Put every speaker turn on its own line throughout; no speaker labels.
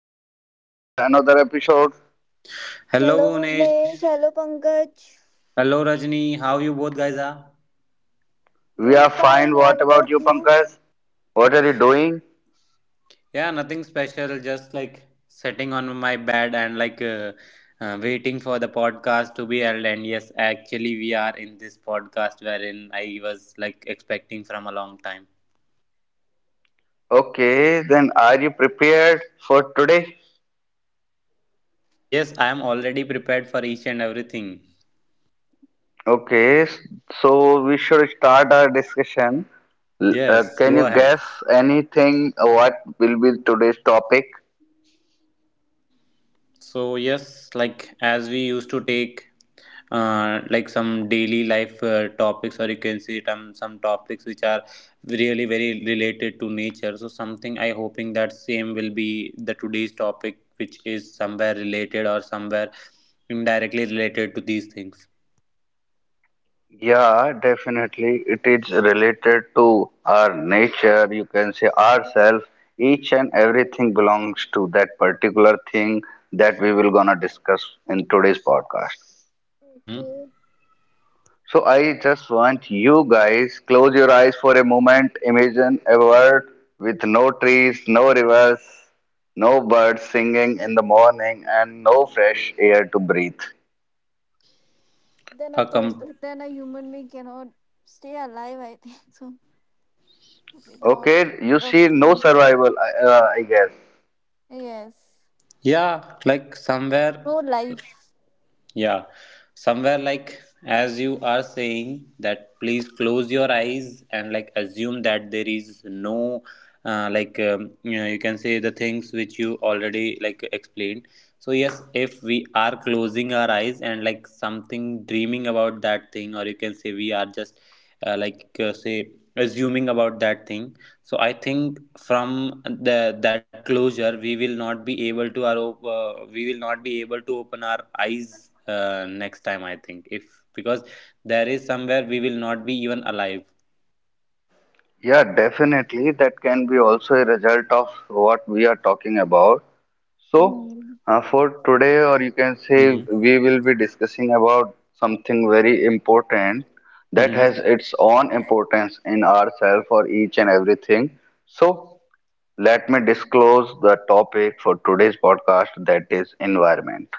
back to other another episode.
Hello
Hello
Bhuvnesh,
Bhunesh.
hello Pankaj.
Hello Rajni. How you both guys are?
We are
Doing
fine.
fine,
What
what
about
about
you,
you?
Pankaj? What are you doing?
Yeah, nothing special. Just like sitting on my bed and waiting for the podcast to be held. And yes, actually we are in this podcast wherein I was like expecting from a long time.
Okay, then are you prepared for today?
Yes, I am already prepared for each and everything.
Okay, s- so we should start our discussion.
Yes,
Can
go
you
ahead.
guess anything what will be today's topic?
So yes, like as we used to take like some daily life topics, or you can see some topics which are really very related to nature. So something I hoping that same will be the today's topic, which is somewhere related or somewhere indirectly related to these things.
Yeah, definitely. It is related to our nature, you can say ourselves. Each and everything belongs to that particular thing that we will gonna discuss in today's podcast.
Mm-hmm.
Okay.
So I just want you guys close your eyes for a moment. Imagine a world with no trees, no rivers, no birds singing in the morning, and no fresh air to breathe.
Then
A
a
com-
person then a human being cannot stay alive, I think so. Without
Okay, you see, no
oxygen.
survival, I guess.
Yes.
yeah, like somewhere.
No life.
Yeah, somewhere like as you are saying that please close your eyes and like assume that there is no you know you can say the things which you already like explained. So yes, if we are closing our eyes and like something dreaming about that thing, or you can say we are just say assuming about that thing, so I think from the that closure we will not be able to we will not be able to open our eyes next time I think, if because there is somewhere we will not be even alive.
Yeah, definitely. That can be also a result of what we are talking about. So,
Hmm.
for today, or you can say,
Mm-hmm.
we will be discussing about something very important that
Mm-hmm.
has its own importance in ourselves or each and everything. So, let me disclose the topic for today's podcast that is environment.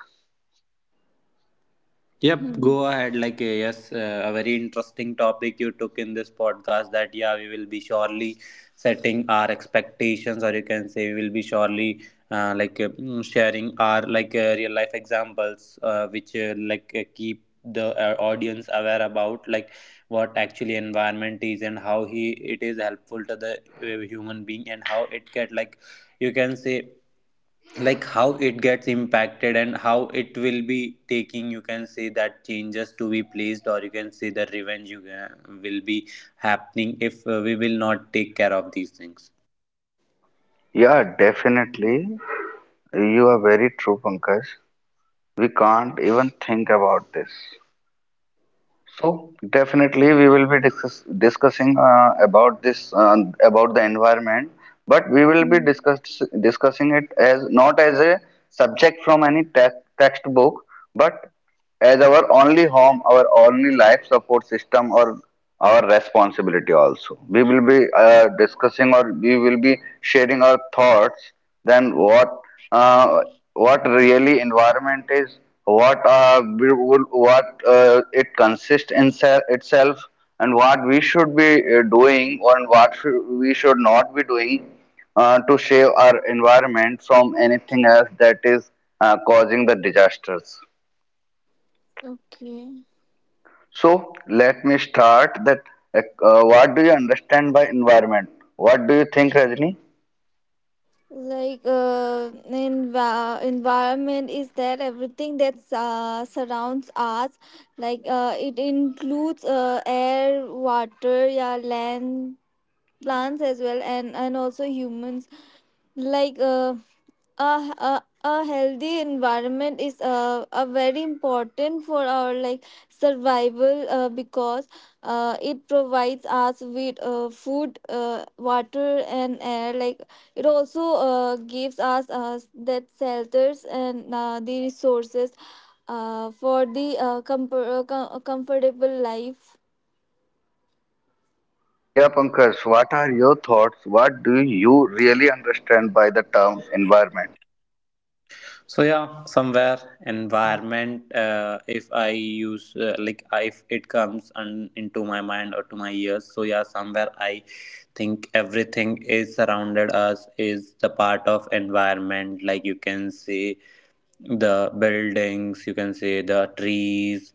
Yep,
Hmm.
go ahead. Like, yes, a very interesting topic you took in this podcast that, yeah, we will be surely setting our expectations, or you can say we will be surely sharing our real life examples, which like keep the audience aware about like what actually environment is and how he it is helpful to the human being and how it get, like you can say like how it gets impacted and how it will be taking, you can say, that changes to be placed, or you can say the revenge, you can, will be happening if we will not take care of these things.
Yeah, definitely. You are very true, Pankaj. We can't even think about this. So definitely we will be discussing about this about the environment, but we will be
Hmm.
discussing it as not as a subject from any textbook, but as our only home, our only life support system, or our responsibility also. We will be discussing or we will be sharing our thoughts. Then uh, what really environment is? What we would, what it consists in itself, and what we should be doing, or we should not be doing to save our environment from anything else that is causing the disasters.
Okay.
So let me start that. What do you understand by environment? What do you think, Rajni?
Like env- environment is that everything that surrounds us it includes air water, yeah, land, plants as well, and also humans, like uh, a, a healthy environment is a very important for our like survival, because it provides us with food, water and air. Like, it also gives us that shelters and the resources for the comfortable life.
Yeah, Pankaj, what are your thoughts? What do you really understand by the term environment?
So yeah, somewhere environment, if I use like if it comes and into my mind or to my ears, so yeah somewhere I think everything is surrounded us is the part of environment. Like you can see the buildings, you can see the trees,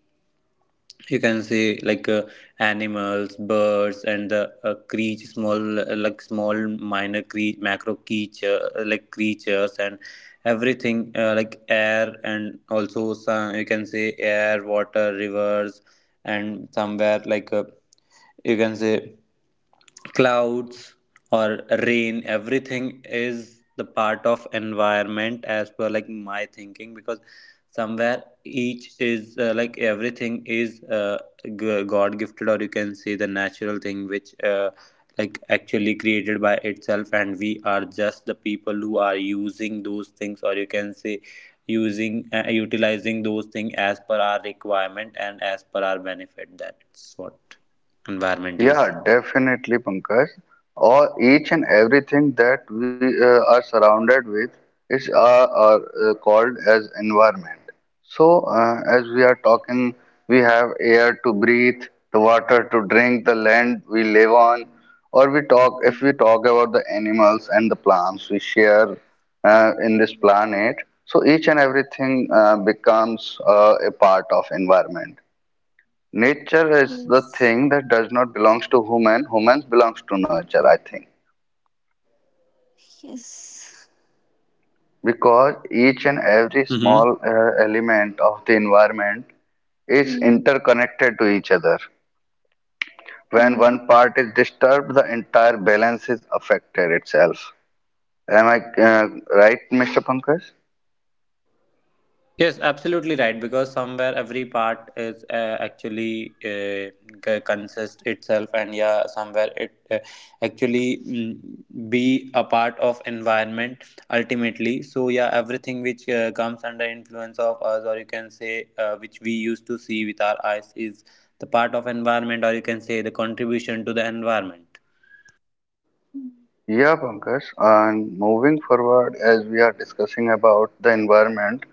you can say animals, birds, and the creature, small small minor creature, macro creature, creatures and everything, like air, and also some, you can say, air, water, rivers, and somewhere you can say clouds or rain, everything is the part of environment as per like my thinking. Because somewhere each is like everything is god gifted, or you can say the natural thing which like actually created by itself, and we are just the people who are using those things, or you can say using utilizing those things as per our requirement and as per our benefit. That's what environment is.
Yeah, definitely, Pankaj. Or each and everything that we are surrounded with is are called as environment. So, as we are talking, we have air to breathe, the water to drink, the land we live on, or we talk
Mm.
if we talk about the animals and the plants we share in this planet. So each and everything becomes a part of environment. Nature is the
Yes,
thing that does not belongs to human. Humans belongs to nature, I think,
yes.
because each and every small element of the environment is
Mm.
interconnected to each other. When
Mm.
one part is disturbed, the entire balance is affected itself. Am I right, Mr. Pankaj?
Yes, absolutely right. Because somewhere every part is consist itself, and yeah, somewhere it actually be a part of environment ultimately. So yeah, everything which comes under influence of us, or you can say which we used to see with our eyes, is the part of environment, or you can say the contribution to the environment.
Hmm.
Yeah, Pankaj. And moving forward, as we are discussing about the environment,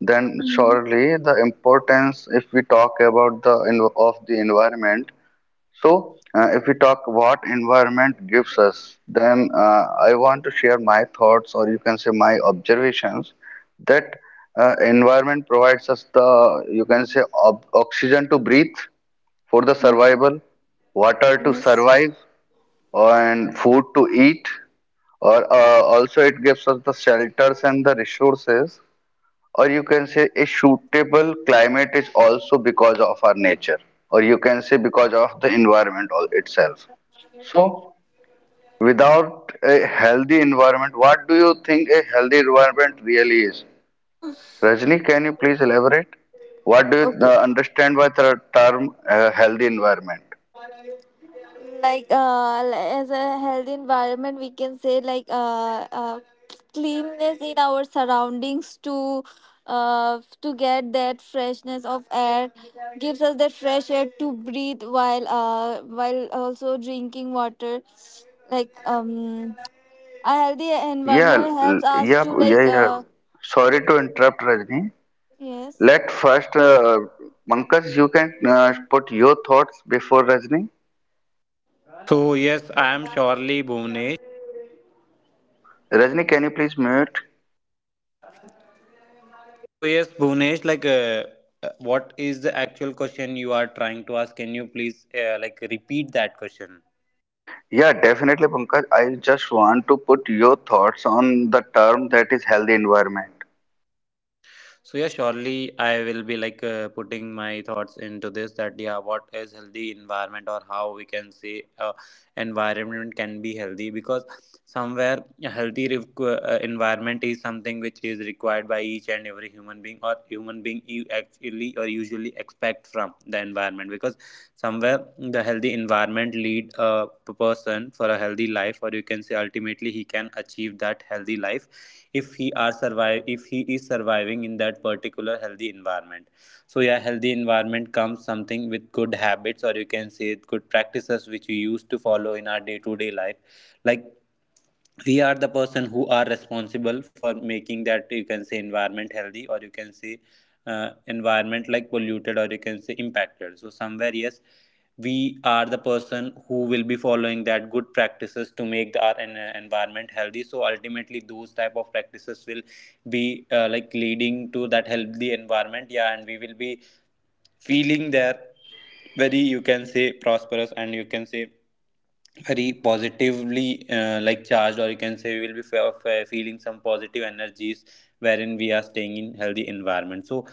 then
Mm.
surely the importance, if we talk about the of the environment, so, if we talk what environment gives us, then I want to share my thoughts or you can say my observations that environment provides us the, you can say, oxygen to breathe for the survival, water to
Yes.
survive, and food to eat, or also it gives us the shelters and the resources, or you can say a suitable climate is also because of our nature, or you can say because of the environment all itself. So without a healthy environment, what do you think a healthy environment really is? Rajni, can you please elaborate? What do you
Okay.
understand by the term healthy environment?
As a healthy environment, we can say like cleanness in our surroundings to get that freshness of air, gives us that fresh air to breathe while also drinking water. Like um, a healthy
yeah
environment helps
l-
us
yeah
to
yeah
like
yeah
uh
sorry to interrupt Rajni.
yes.
Let first Pankaj, you can put your thoughts before Rajni.
So yes, I am surely Bhuvnesh.
Rajni, can you please mute?
So yes, Bhunesh, what is the actual question you are trying to ask? Can you please like repeat that question?
Yeah, definitely, Pankaj. I just want to put your thoughts on the term that is healthy environment.
So yeah, surely I will be putting my thoughts into this, that yeah, what is healthy environment or how we can say environment can be healthy. Because somewhere a environment is something which is required by each and every human being, or human being you actually or usually expect from the environment. Because somewhere the healthy environment lead person for a healthy life, or you can say ultimately he can achieve that healthy life if he are survive if he is surviving in that particular healthy environment. So yeah, healthy environment comes something with good habits, or you can say good practices which we used to follow in our day to day life. Like we are the person who are responsible for making that, you can say, environment healthy, or you can say environment like polluted, or you can say impacted. So somewhere yes, we are the person who will be following that good practices to make our environment healthy, so ultimately those type of practices will be like leading to that healthy environment. Yeah, and we will be feeling there very, you can say, prosperous, and you can say very positively like charged, or you can say we will be feeling some positive energies wherein we are staying in healthy environment. So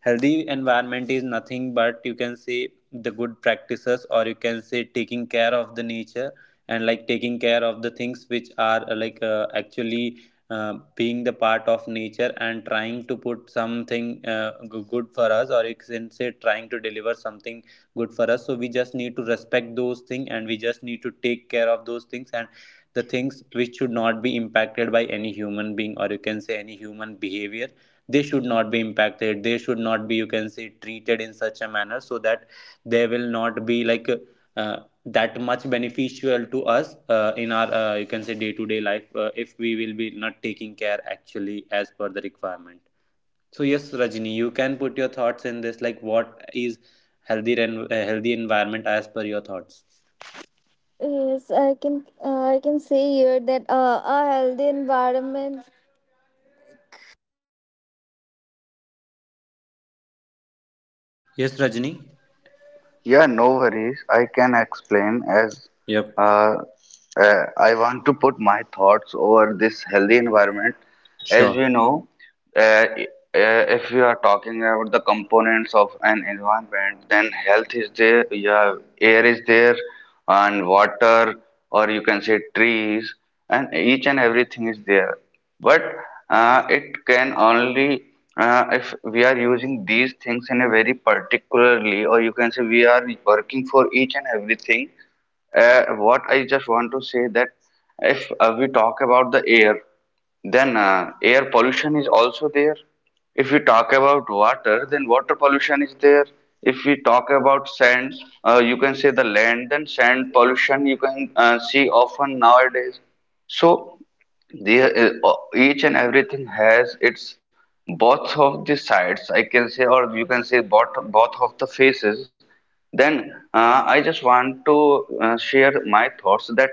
healthy environment is nothing but, you can say, the good practices, or you can say taking care of the nature and like taking care of the things which are actually being the part of nature and trying to put something good for us, or you can say trying to deliver something good for us. So we just need to respect those things and we just need to take care of those things, and the things which should not be impacted by any human being, or you can say any human behavior, they should not be impacted, they should not be, you can say, treated in such a manner so that they will not be uh, that much beneficial to us in our, you can say, day to day life, if we will be not taking care actually as per the requirement. So yes Rajni, you can put your thoughts in this, like what is healthy and healthy environment as per your thoughts.
Yes, I can say here that a healthy environment.
Yes Rajni.
Yeah, no worries. I can explain as
Yep.
uh, I want to put my thoughts over this healthy environment. As we
Sure.
know. Uh, if we are talking about the components of an environment, then health is there, yeah, air is there, and water, or you can say trees, and each and everything is there. But it can only if we are using these things in a very particularly, or you can say we are working for each and everything. What I just want to say that if we talk about the air. Then air pollution is also there. If we talk about water, then water pollution is there. If we talk about sand, you can say the land, then sand pollution you can see often nowadays. So each and everything has its both of the sides, I can say, or you can say both of the faces. Then I just want to share my thoughts that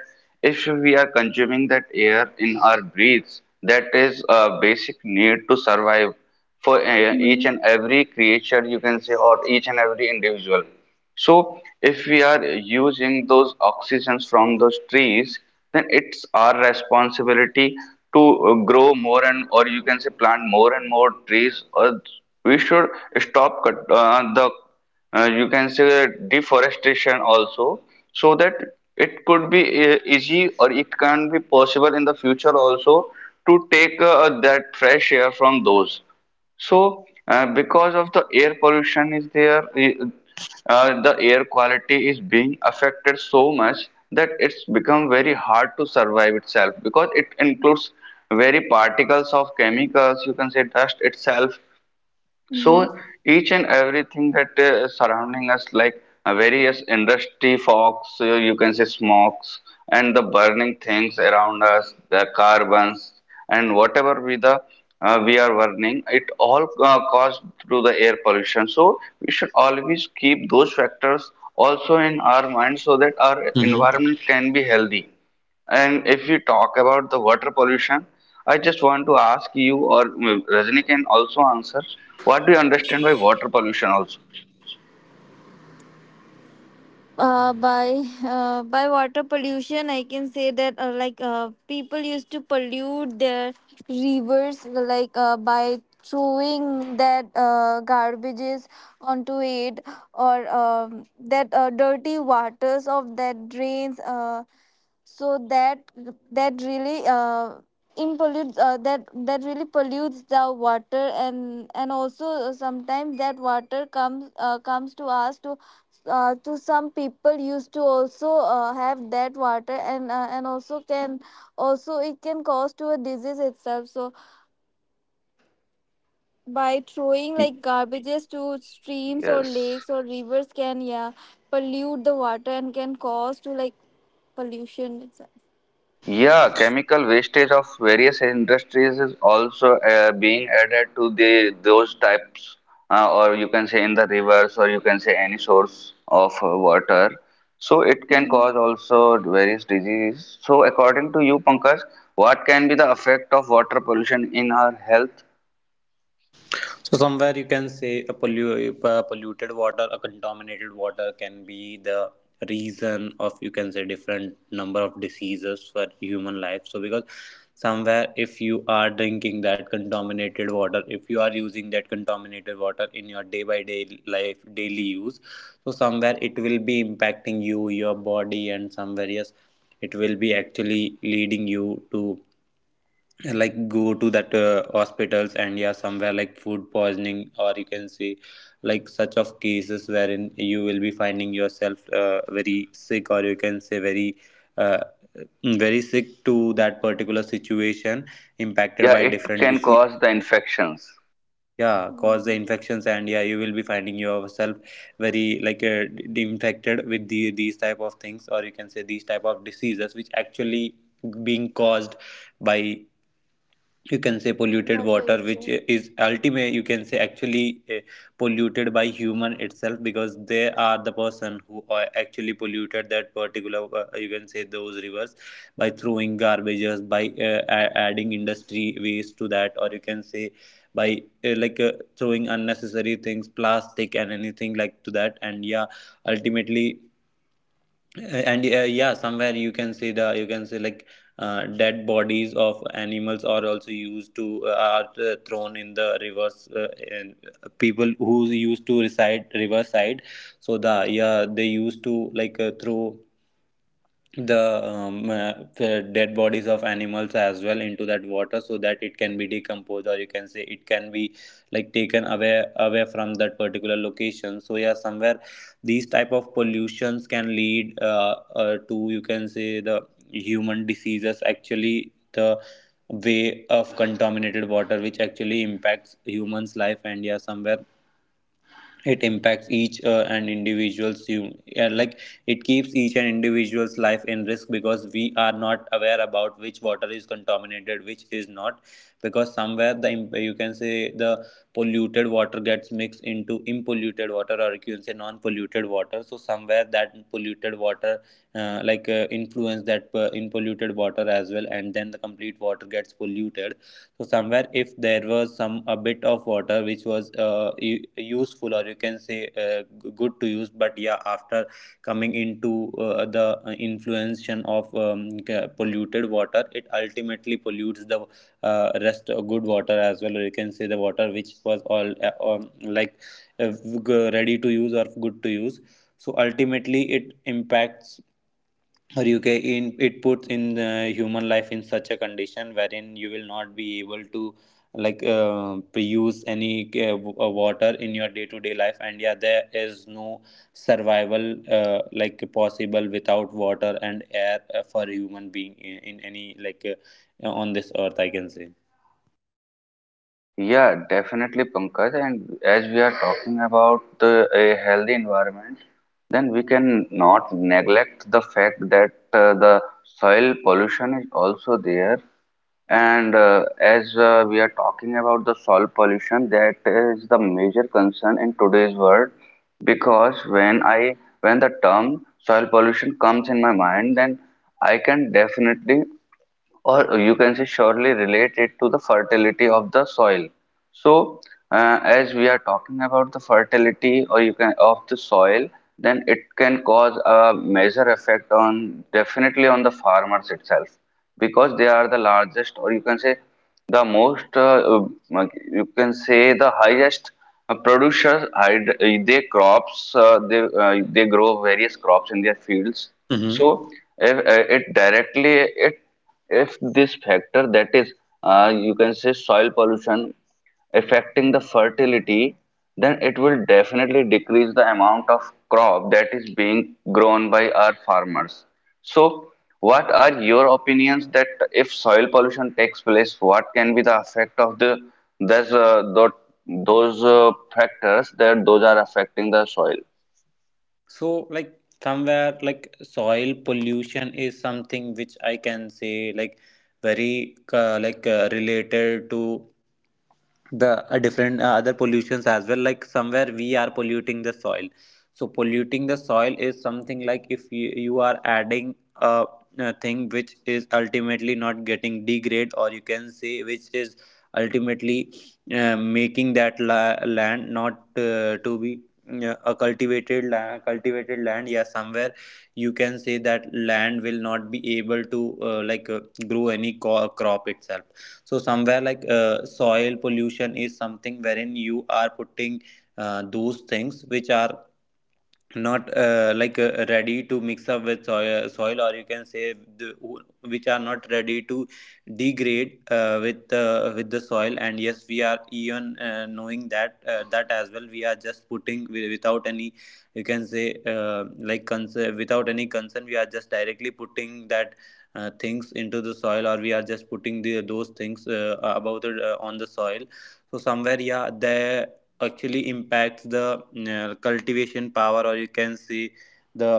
if we are consuming that air in our breaths, that is a basic need to survive for each and
Mhm.
every creature, you can say, or each and every individual. So if we are using those oxygens from those trees, then it's our responsibility to grow more and or you can say plant more and more trees, or we should stop cut, the you can say deforestation also, so that it could be easy, or it can be possible in the future also to take that fresh air from those. So, because of the air pollution is there, the air quality is being affected so much that it's become very hard to survive itself, because it includes very particles of chemicals, you can say dust itself. So
Mhm.
each and everything that surrounding us, like various industry fogs, you can say smokes, and the burning things around us, the carbons, and whatever we are burning, it all caused through the air pollution. So we should always keep those factors also in our mind so that our
Mm-hmm.
environment can be healthy. And if you talk about the water pollution, I just want to ask you, or Rajni can also answer, what do you understand by water pollution also?
By by water pollution, I can say that people used to pollute their rivers by throwing that garbages onto it, or that dirty waters of that drains. So that that really impollutes that that really pollutes the water, and also sometimes that water comes comes to us to some people used to also have that water, and also can also it can cause to a disease itself. So by throwing
Y-
like garbages to streams or
Yes.
lakes or rivers can, yeah, pollute the water and can cause to like pollution itself.
Yeah, chemical wastage of various industries is also being added to the those types, or you can say in the rivers, or you can say any source of water. So it can
Mm.
cause also various diseases. So according to you, Pankaj, what can be the effect of water pollution in our health?
So somewhere you can say a polluted water, a contaminated water can be the reason of, you can say, different number of diseases for human life. So because somewhere if you are drinking that contaminated water, if you are using that contaminated water in your day by day life, daily use, so somewhere it will be impacting you, your body, and somewhere yes, it will be actually leading you to like go to that hospitals. And yeah, somewhere like food poisoning, or you can say like such of cases wherein you will be finding yourself very sick, or you can say uh, very sick to that particular situation, impacted
Yeah,
by
it
different
can
disease.
cause the infections.
Yeah, cause the
Mm.
infections, and yeah you will be finding yourself very infected with the, these type of things, or you can say these type of diseases which actually being caused by, you can say,
What are
polluted water,
you?
which is ultimate, you can say, actually polluted by human itself. Because they are the person who are actually polluted that particular, you can say, those rivers by throwing garbages, by adding industry waste to that, or you can say by throwing unnecessary things, plastic and anything like to that, and yeah ultimately. And yeah, somewhere you can see, the you can see like dead bodies of animals are also used to are thrown in the rivers, and people who used to reside riverside, so the yeah they used to throw the dead bodies of animals as well into that water so that it can be decomposed, or you can say it can be like taken away from that particular location. So yeah, somewhere these type of pollutions can lead to, you can say, the human diseases. Actually the way of contaminated water which actually impacts humans life, and yeah somewhere it impacts each and individuals you yeah, like it keeps each and individual's life in risk, because we are not aware about which water is contaminated, which is not. Because somewhere the you can say the polluted water gets mixed into impolluted water, or you can say non-polluted water, so somewhere that polluted water influence that in water as well, and then the complete water gets polluted. So somewhere if there was some a bit of water which was useful, or you can say good to use, but yeah after coming into the influence of polluted water, it ultimately pollutes the rest of good water as well, or you can say the water which was all uh, ready to use or good to use. So ultimately it impacts, or you can in, it puts in the human life in such a condition wherein you will not be able to use any water in your day to day life. And yeah, there is no survival possible without water and air for human being in any on this earth, I can
Yeah, definitely, Pankaj. And as we are talking about the, a healthy environment, then we can not neglect the fact that the soil pollution is also there. And as we are talking about the soil pollution, that is the major concern in today's world. Because when the term soil pollution comes in my mind, then I can definitely or you can say surely related to the fertility of the soil. So, as we are talking about the fertility or you can of the soil, then it can cause a major effect on definitely on the farmers itself, because they are the largest or you can say the most you can say the highest producers. They crops they they grow various crops in their fields.
say.
So if, it directly it if this factor that is you can say soil pollution affecting the fertility, then it will definitely decrease the amount of crop that is being grown by our farmers. So what are your opinions that if soil pollution takes place, what can be the effect of those uh, tho- those factors that those are affecting the soil?
So, somewhere, soil pollution is something which I can say, very related to the different other pollutions as well. Like somewhere we are polluting the soil. So polluting the soil is something like if you are adding a thing which is ultimately not getting degrade, or you can say which is ultimately making that land not to be, yeah, a cultivated land, yeah. Somewhere you can say that land will not be able to grow any crop itself. So somewhere soil pollution is something wherein you are putting those things which are not ready to mix up with soil or you can say the, which are not ready to degrade with the soil. And yes, we are even knowing that that as well. We are just putting without any, you can say concern, without any concern, we are just directly putting that things into the soil, or we are just putting the those things about it on the soil. So somewhere, yeah, there actually impacts the cultivation power, or you can see the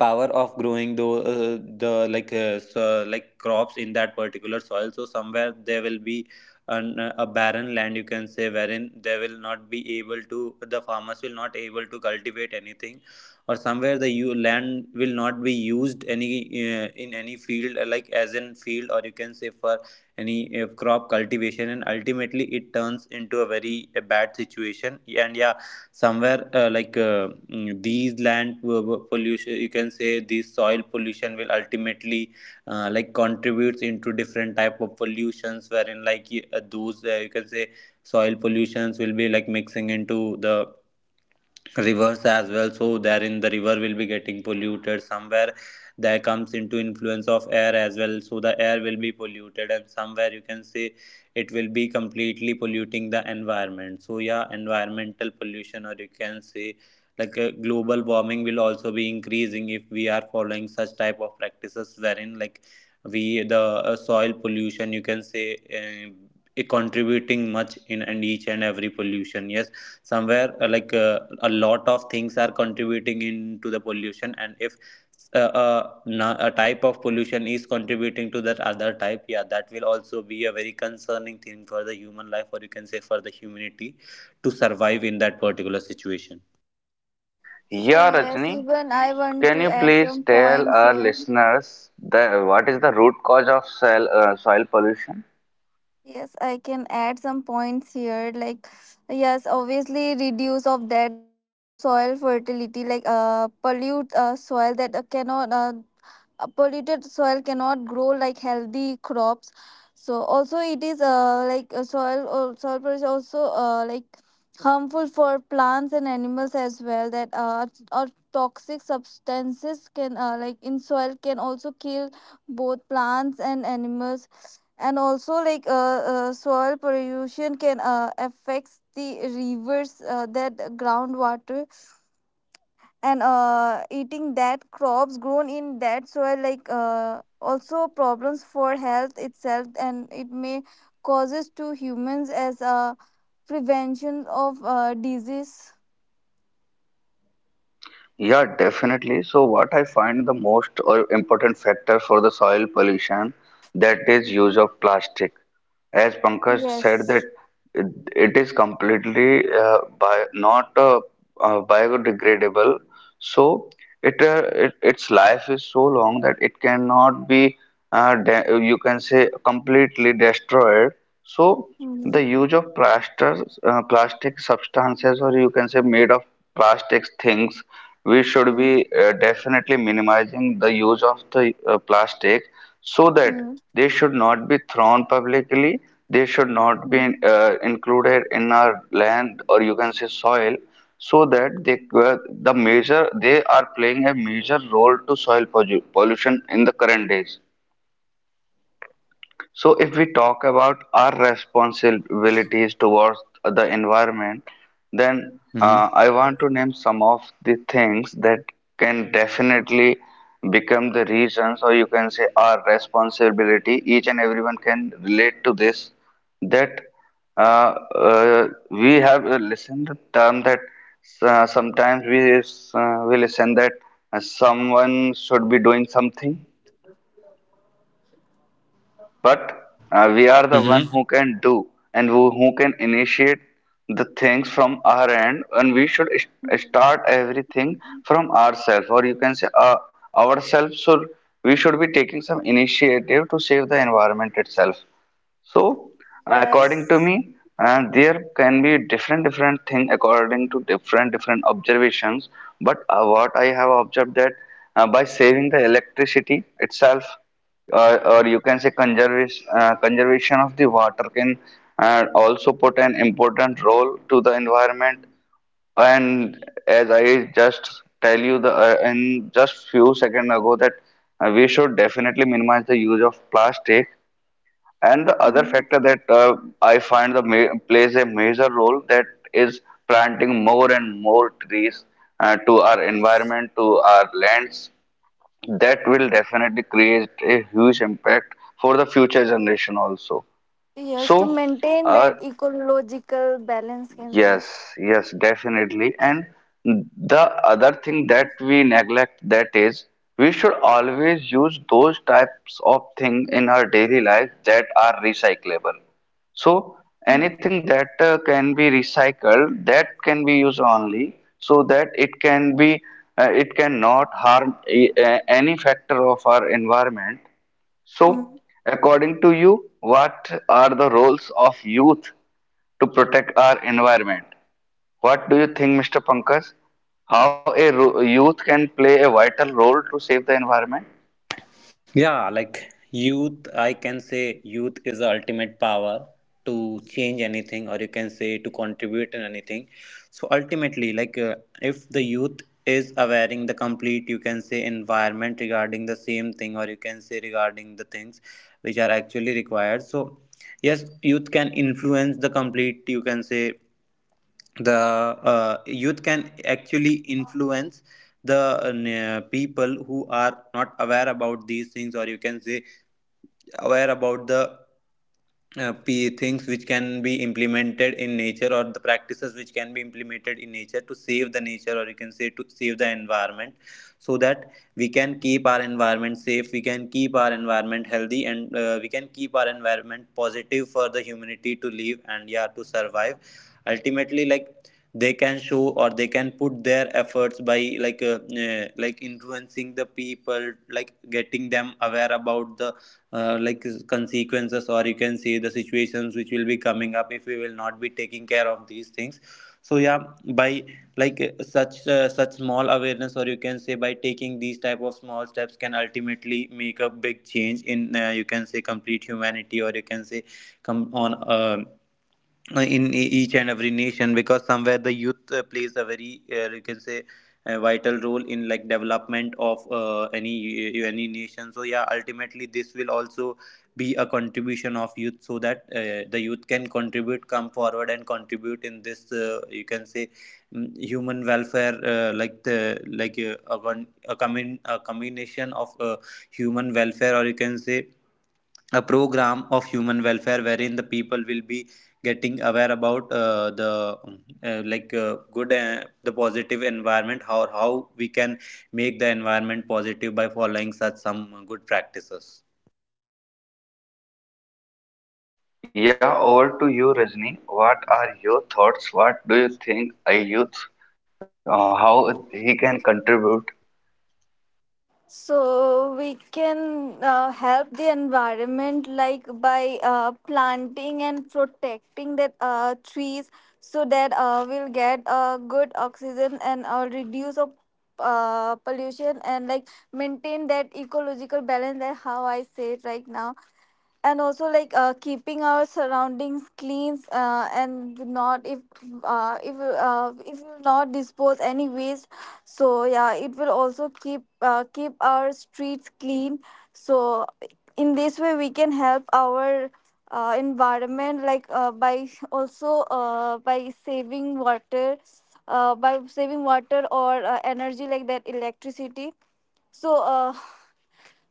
power of growing uh, the crops in that particular soil. So somewhere there will be an, a barren land, you can say, wherein they will not be able to, the farmers will not able to cultivate anything, or somewhere the land will not be used any in any field like as in field, or you can say for any crop cultivation, and ultimately it turns into a very bad situation. And yeah, somewhere these pollution, you can say this soil pollution will ultimately contributes into different type of pollutions wherein those you can say soil pollutions will be like mixing into the rivers as well, so therein the river will be getting polluted. Somewhere that comes into influence of air as well, so the air will be polluted. And somewhere you can say it will be completely polluting the environment. So yeah, environmental pollution, or you can say global warming will also be increasing if we are following such type of practices wherein we the soil pollution, you can say, uh, contributing much in and each and every pollution. Yes, somewhere a lot of things are contributing into the pollution. And if a type of pollution is contributing to that other type, yeah, that will also be a very concerning thing for the human life, or you can say for the humanity to survive in that particular situation.
So
Yeah,
yes,
Rajni,
even I want
can
to
you
add
please
some
tell
points
our
here.
listeners the, what is the root cause of soil pollution?
Yes, I can add some points here. Like, yes, obviously reduce of that s- soil fertility, like pollute soil that cannot polluted soil cannot grow like healthy crops. So also it is soil pollution also, like harmful for plants and animals as well, that or toxic substances can, like in soil, can also kill both plants and animals. And also soil pollution can affects the rivers, that groundwater, and eating that crops grown in that soil, also problems for health itself, and it may causes to humans as a prevention of disease.
Yeah, definitely. So, what I find the most or important factor for the soil pollution, that is use
Mhm.
of plastic. As Pankaj said that
Yes.
it, it is completely bi not biodegradable. So it, it its life is so long that it cannot be de you can say completely destroyed. So
Mm-hmm.
the use of plastic substances, or you can say made of plastics things, we should be definitely minimizing the use of the plastic, so that they should not be thrown publicly. They should not be
Mm-hmm.
included in our land or you can say soil, so that they are playing a major role to pollution in the current days. So if we talk about our responsibilities towards the environment, then
Mm-hmm.
I want to name some of the things that can definitely become the reasons, or you can say our responsibility. Each and everyone can relate to this. That we have listened the term that sometimes we listen that someone should be doing something, but we are the one who can do and who can initiate the things from our end, and we should start everything from ourselves or you can say ourselves. So we should be taking some initiative to save the environment itself. So, according to
Yes.
me, there can be different different thing according to different different observations. But what I have observed that by saving the electricity itself, or you can say conservation of the water can also put an important role to the environment. And as I just tell you the in just few seconds ago that we should definitely minimize the use of plastic, and the other
Mhm.
factor that I find the ma plays a major role, that is planting more and more trees to our environment, to our lands. That will definitely create a huge impact for the future generation also.
Yes,
So,
to maintain
uh,
that ecological balance, can say.
yes, yes, definitely. And the other thing that we neglect that is we should always use those types of thing in our daily life that are recyclable. So anything that can be recycled, that can be used only so that it can be it cannot harm any factor of our environment. So
Mhm.
according to you, what are the roles of youth to protect our environment? What do you think, Mr. Pankaj? How a youth can play a vital role to save the environment?
Yeah, youth, I can say youth is the ultimate power to change anything, or you can say to contribute in anything. So ultimately, if the youth is awareing the complete, you can say, environment regarding the same thing, or you can say regarding the things which are actually required. So yes, youth can influence the complete, you can say, the youth can actually influence the people who are not aware about these things, or you can say aware about the things which can be implemented in nature, or the practices which can be implemented in nature to save the nature, or you can say to save the environment, so that we can keep our environment safe, we can keep our environment healthy, and we can keep our environment positive for the humanity to live and yeah to survive. Ultimately, they can show or they can put their efforts by influencing the people, like getting them aware about the consequences, or you can see the situations which will be coming up if we will not be taking care of these things. So yeah, by such small awareness, or you can say by taking these type of small steps, can ultimately make a big change in you can say complete humanity, or you can say come on in each and every nation, because somewhere the youth plays a very you can say a vital role in like development of any nation. So yeah, ultimately this will also be a contribution of youth, so that the youth can contribute, come forward and contribute in this you can say human welfare, like the like a, con- a, commun- a combination of human welfare, or you can say a program of human welfare wherein the people will be getting aware about the good the positive environment, how we can make the environment positive by following such some good practices.
Yeah, over to you, Rajni. What are your thoughts? What do you think a youth, how he can contribute?
So we can help the environment like by planting and protecting that trees, so that we'll get good oxygen and reduce of pollution, and like maintain that ecological balance, that how I say it right now. And also keeping our surroundings clean, and not if if you not dispose any waste, so yeah, it will also keep keep our streets clean. So in this way we can help our environment, by saving water, by saving water or energy, like that electricity. So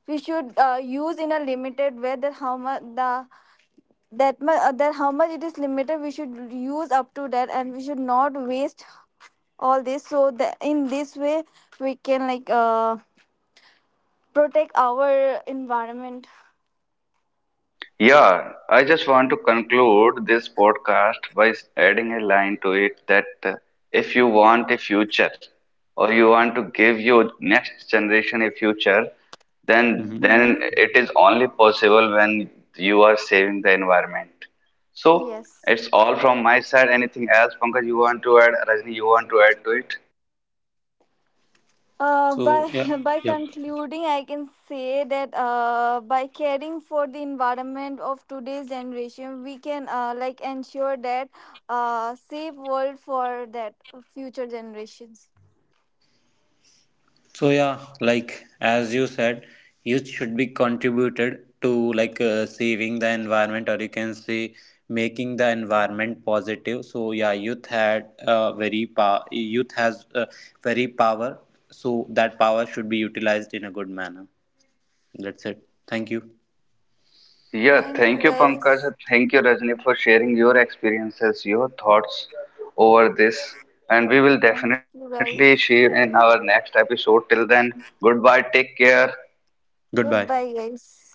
we should use in a limited way, that how much the that much, that how much it is limited we should use up to that, and we should not waste all this, so that in this way we can protect our environment.
Yeah, I just want to conclude this podcast by adding a line to it that if you want a future, or you want to give your next generation a future, then
Hmm.
Hmm.
it is only possible when you are saving the environment. So
Yes.
it's all from my side. Anything else, Pankaj, you want to add? Rajni, you want to add to it?
By
So yeah,
by
yeah.
concluding I can say that by caring for the environment of today's generation, we can ensure that safe world for that future generations.
So yeah, like as you said, youth should be contributed to like saving the environment, or you can say making the environment positive. So yeah, youth had very power. Youth has very power. So that power should be utilized in a good manner. That's it. Thank you.
Yeah,
Thank
thank
you,
you, Pankaj.
guys.
And thank you, Rajni, for sharing your experiences, your thoughts over this. And we will
Thank you,
definitely share
guys.
in our next episode. Till then, goodbye, take care.
Goodbye.
Goodbye, guys.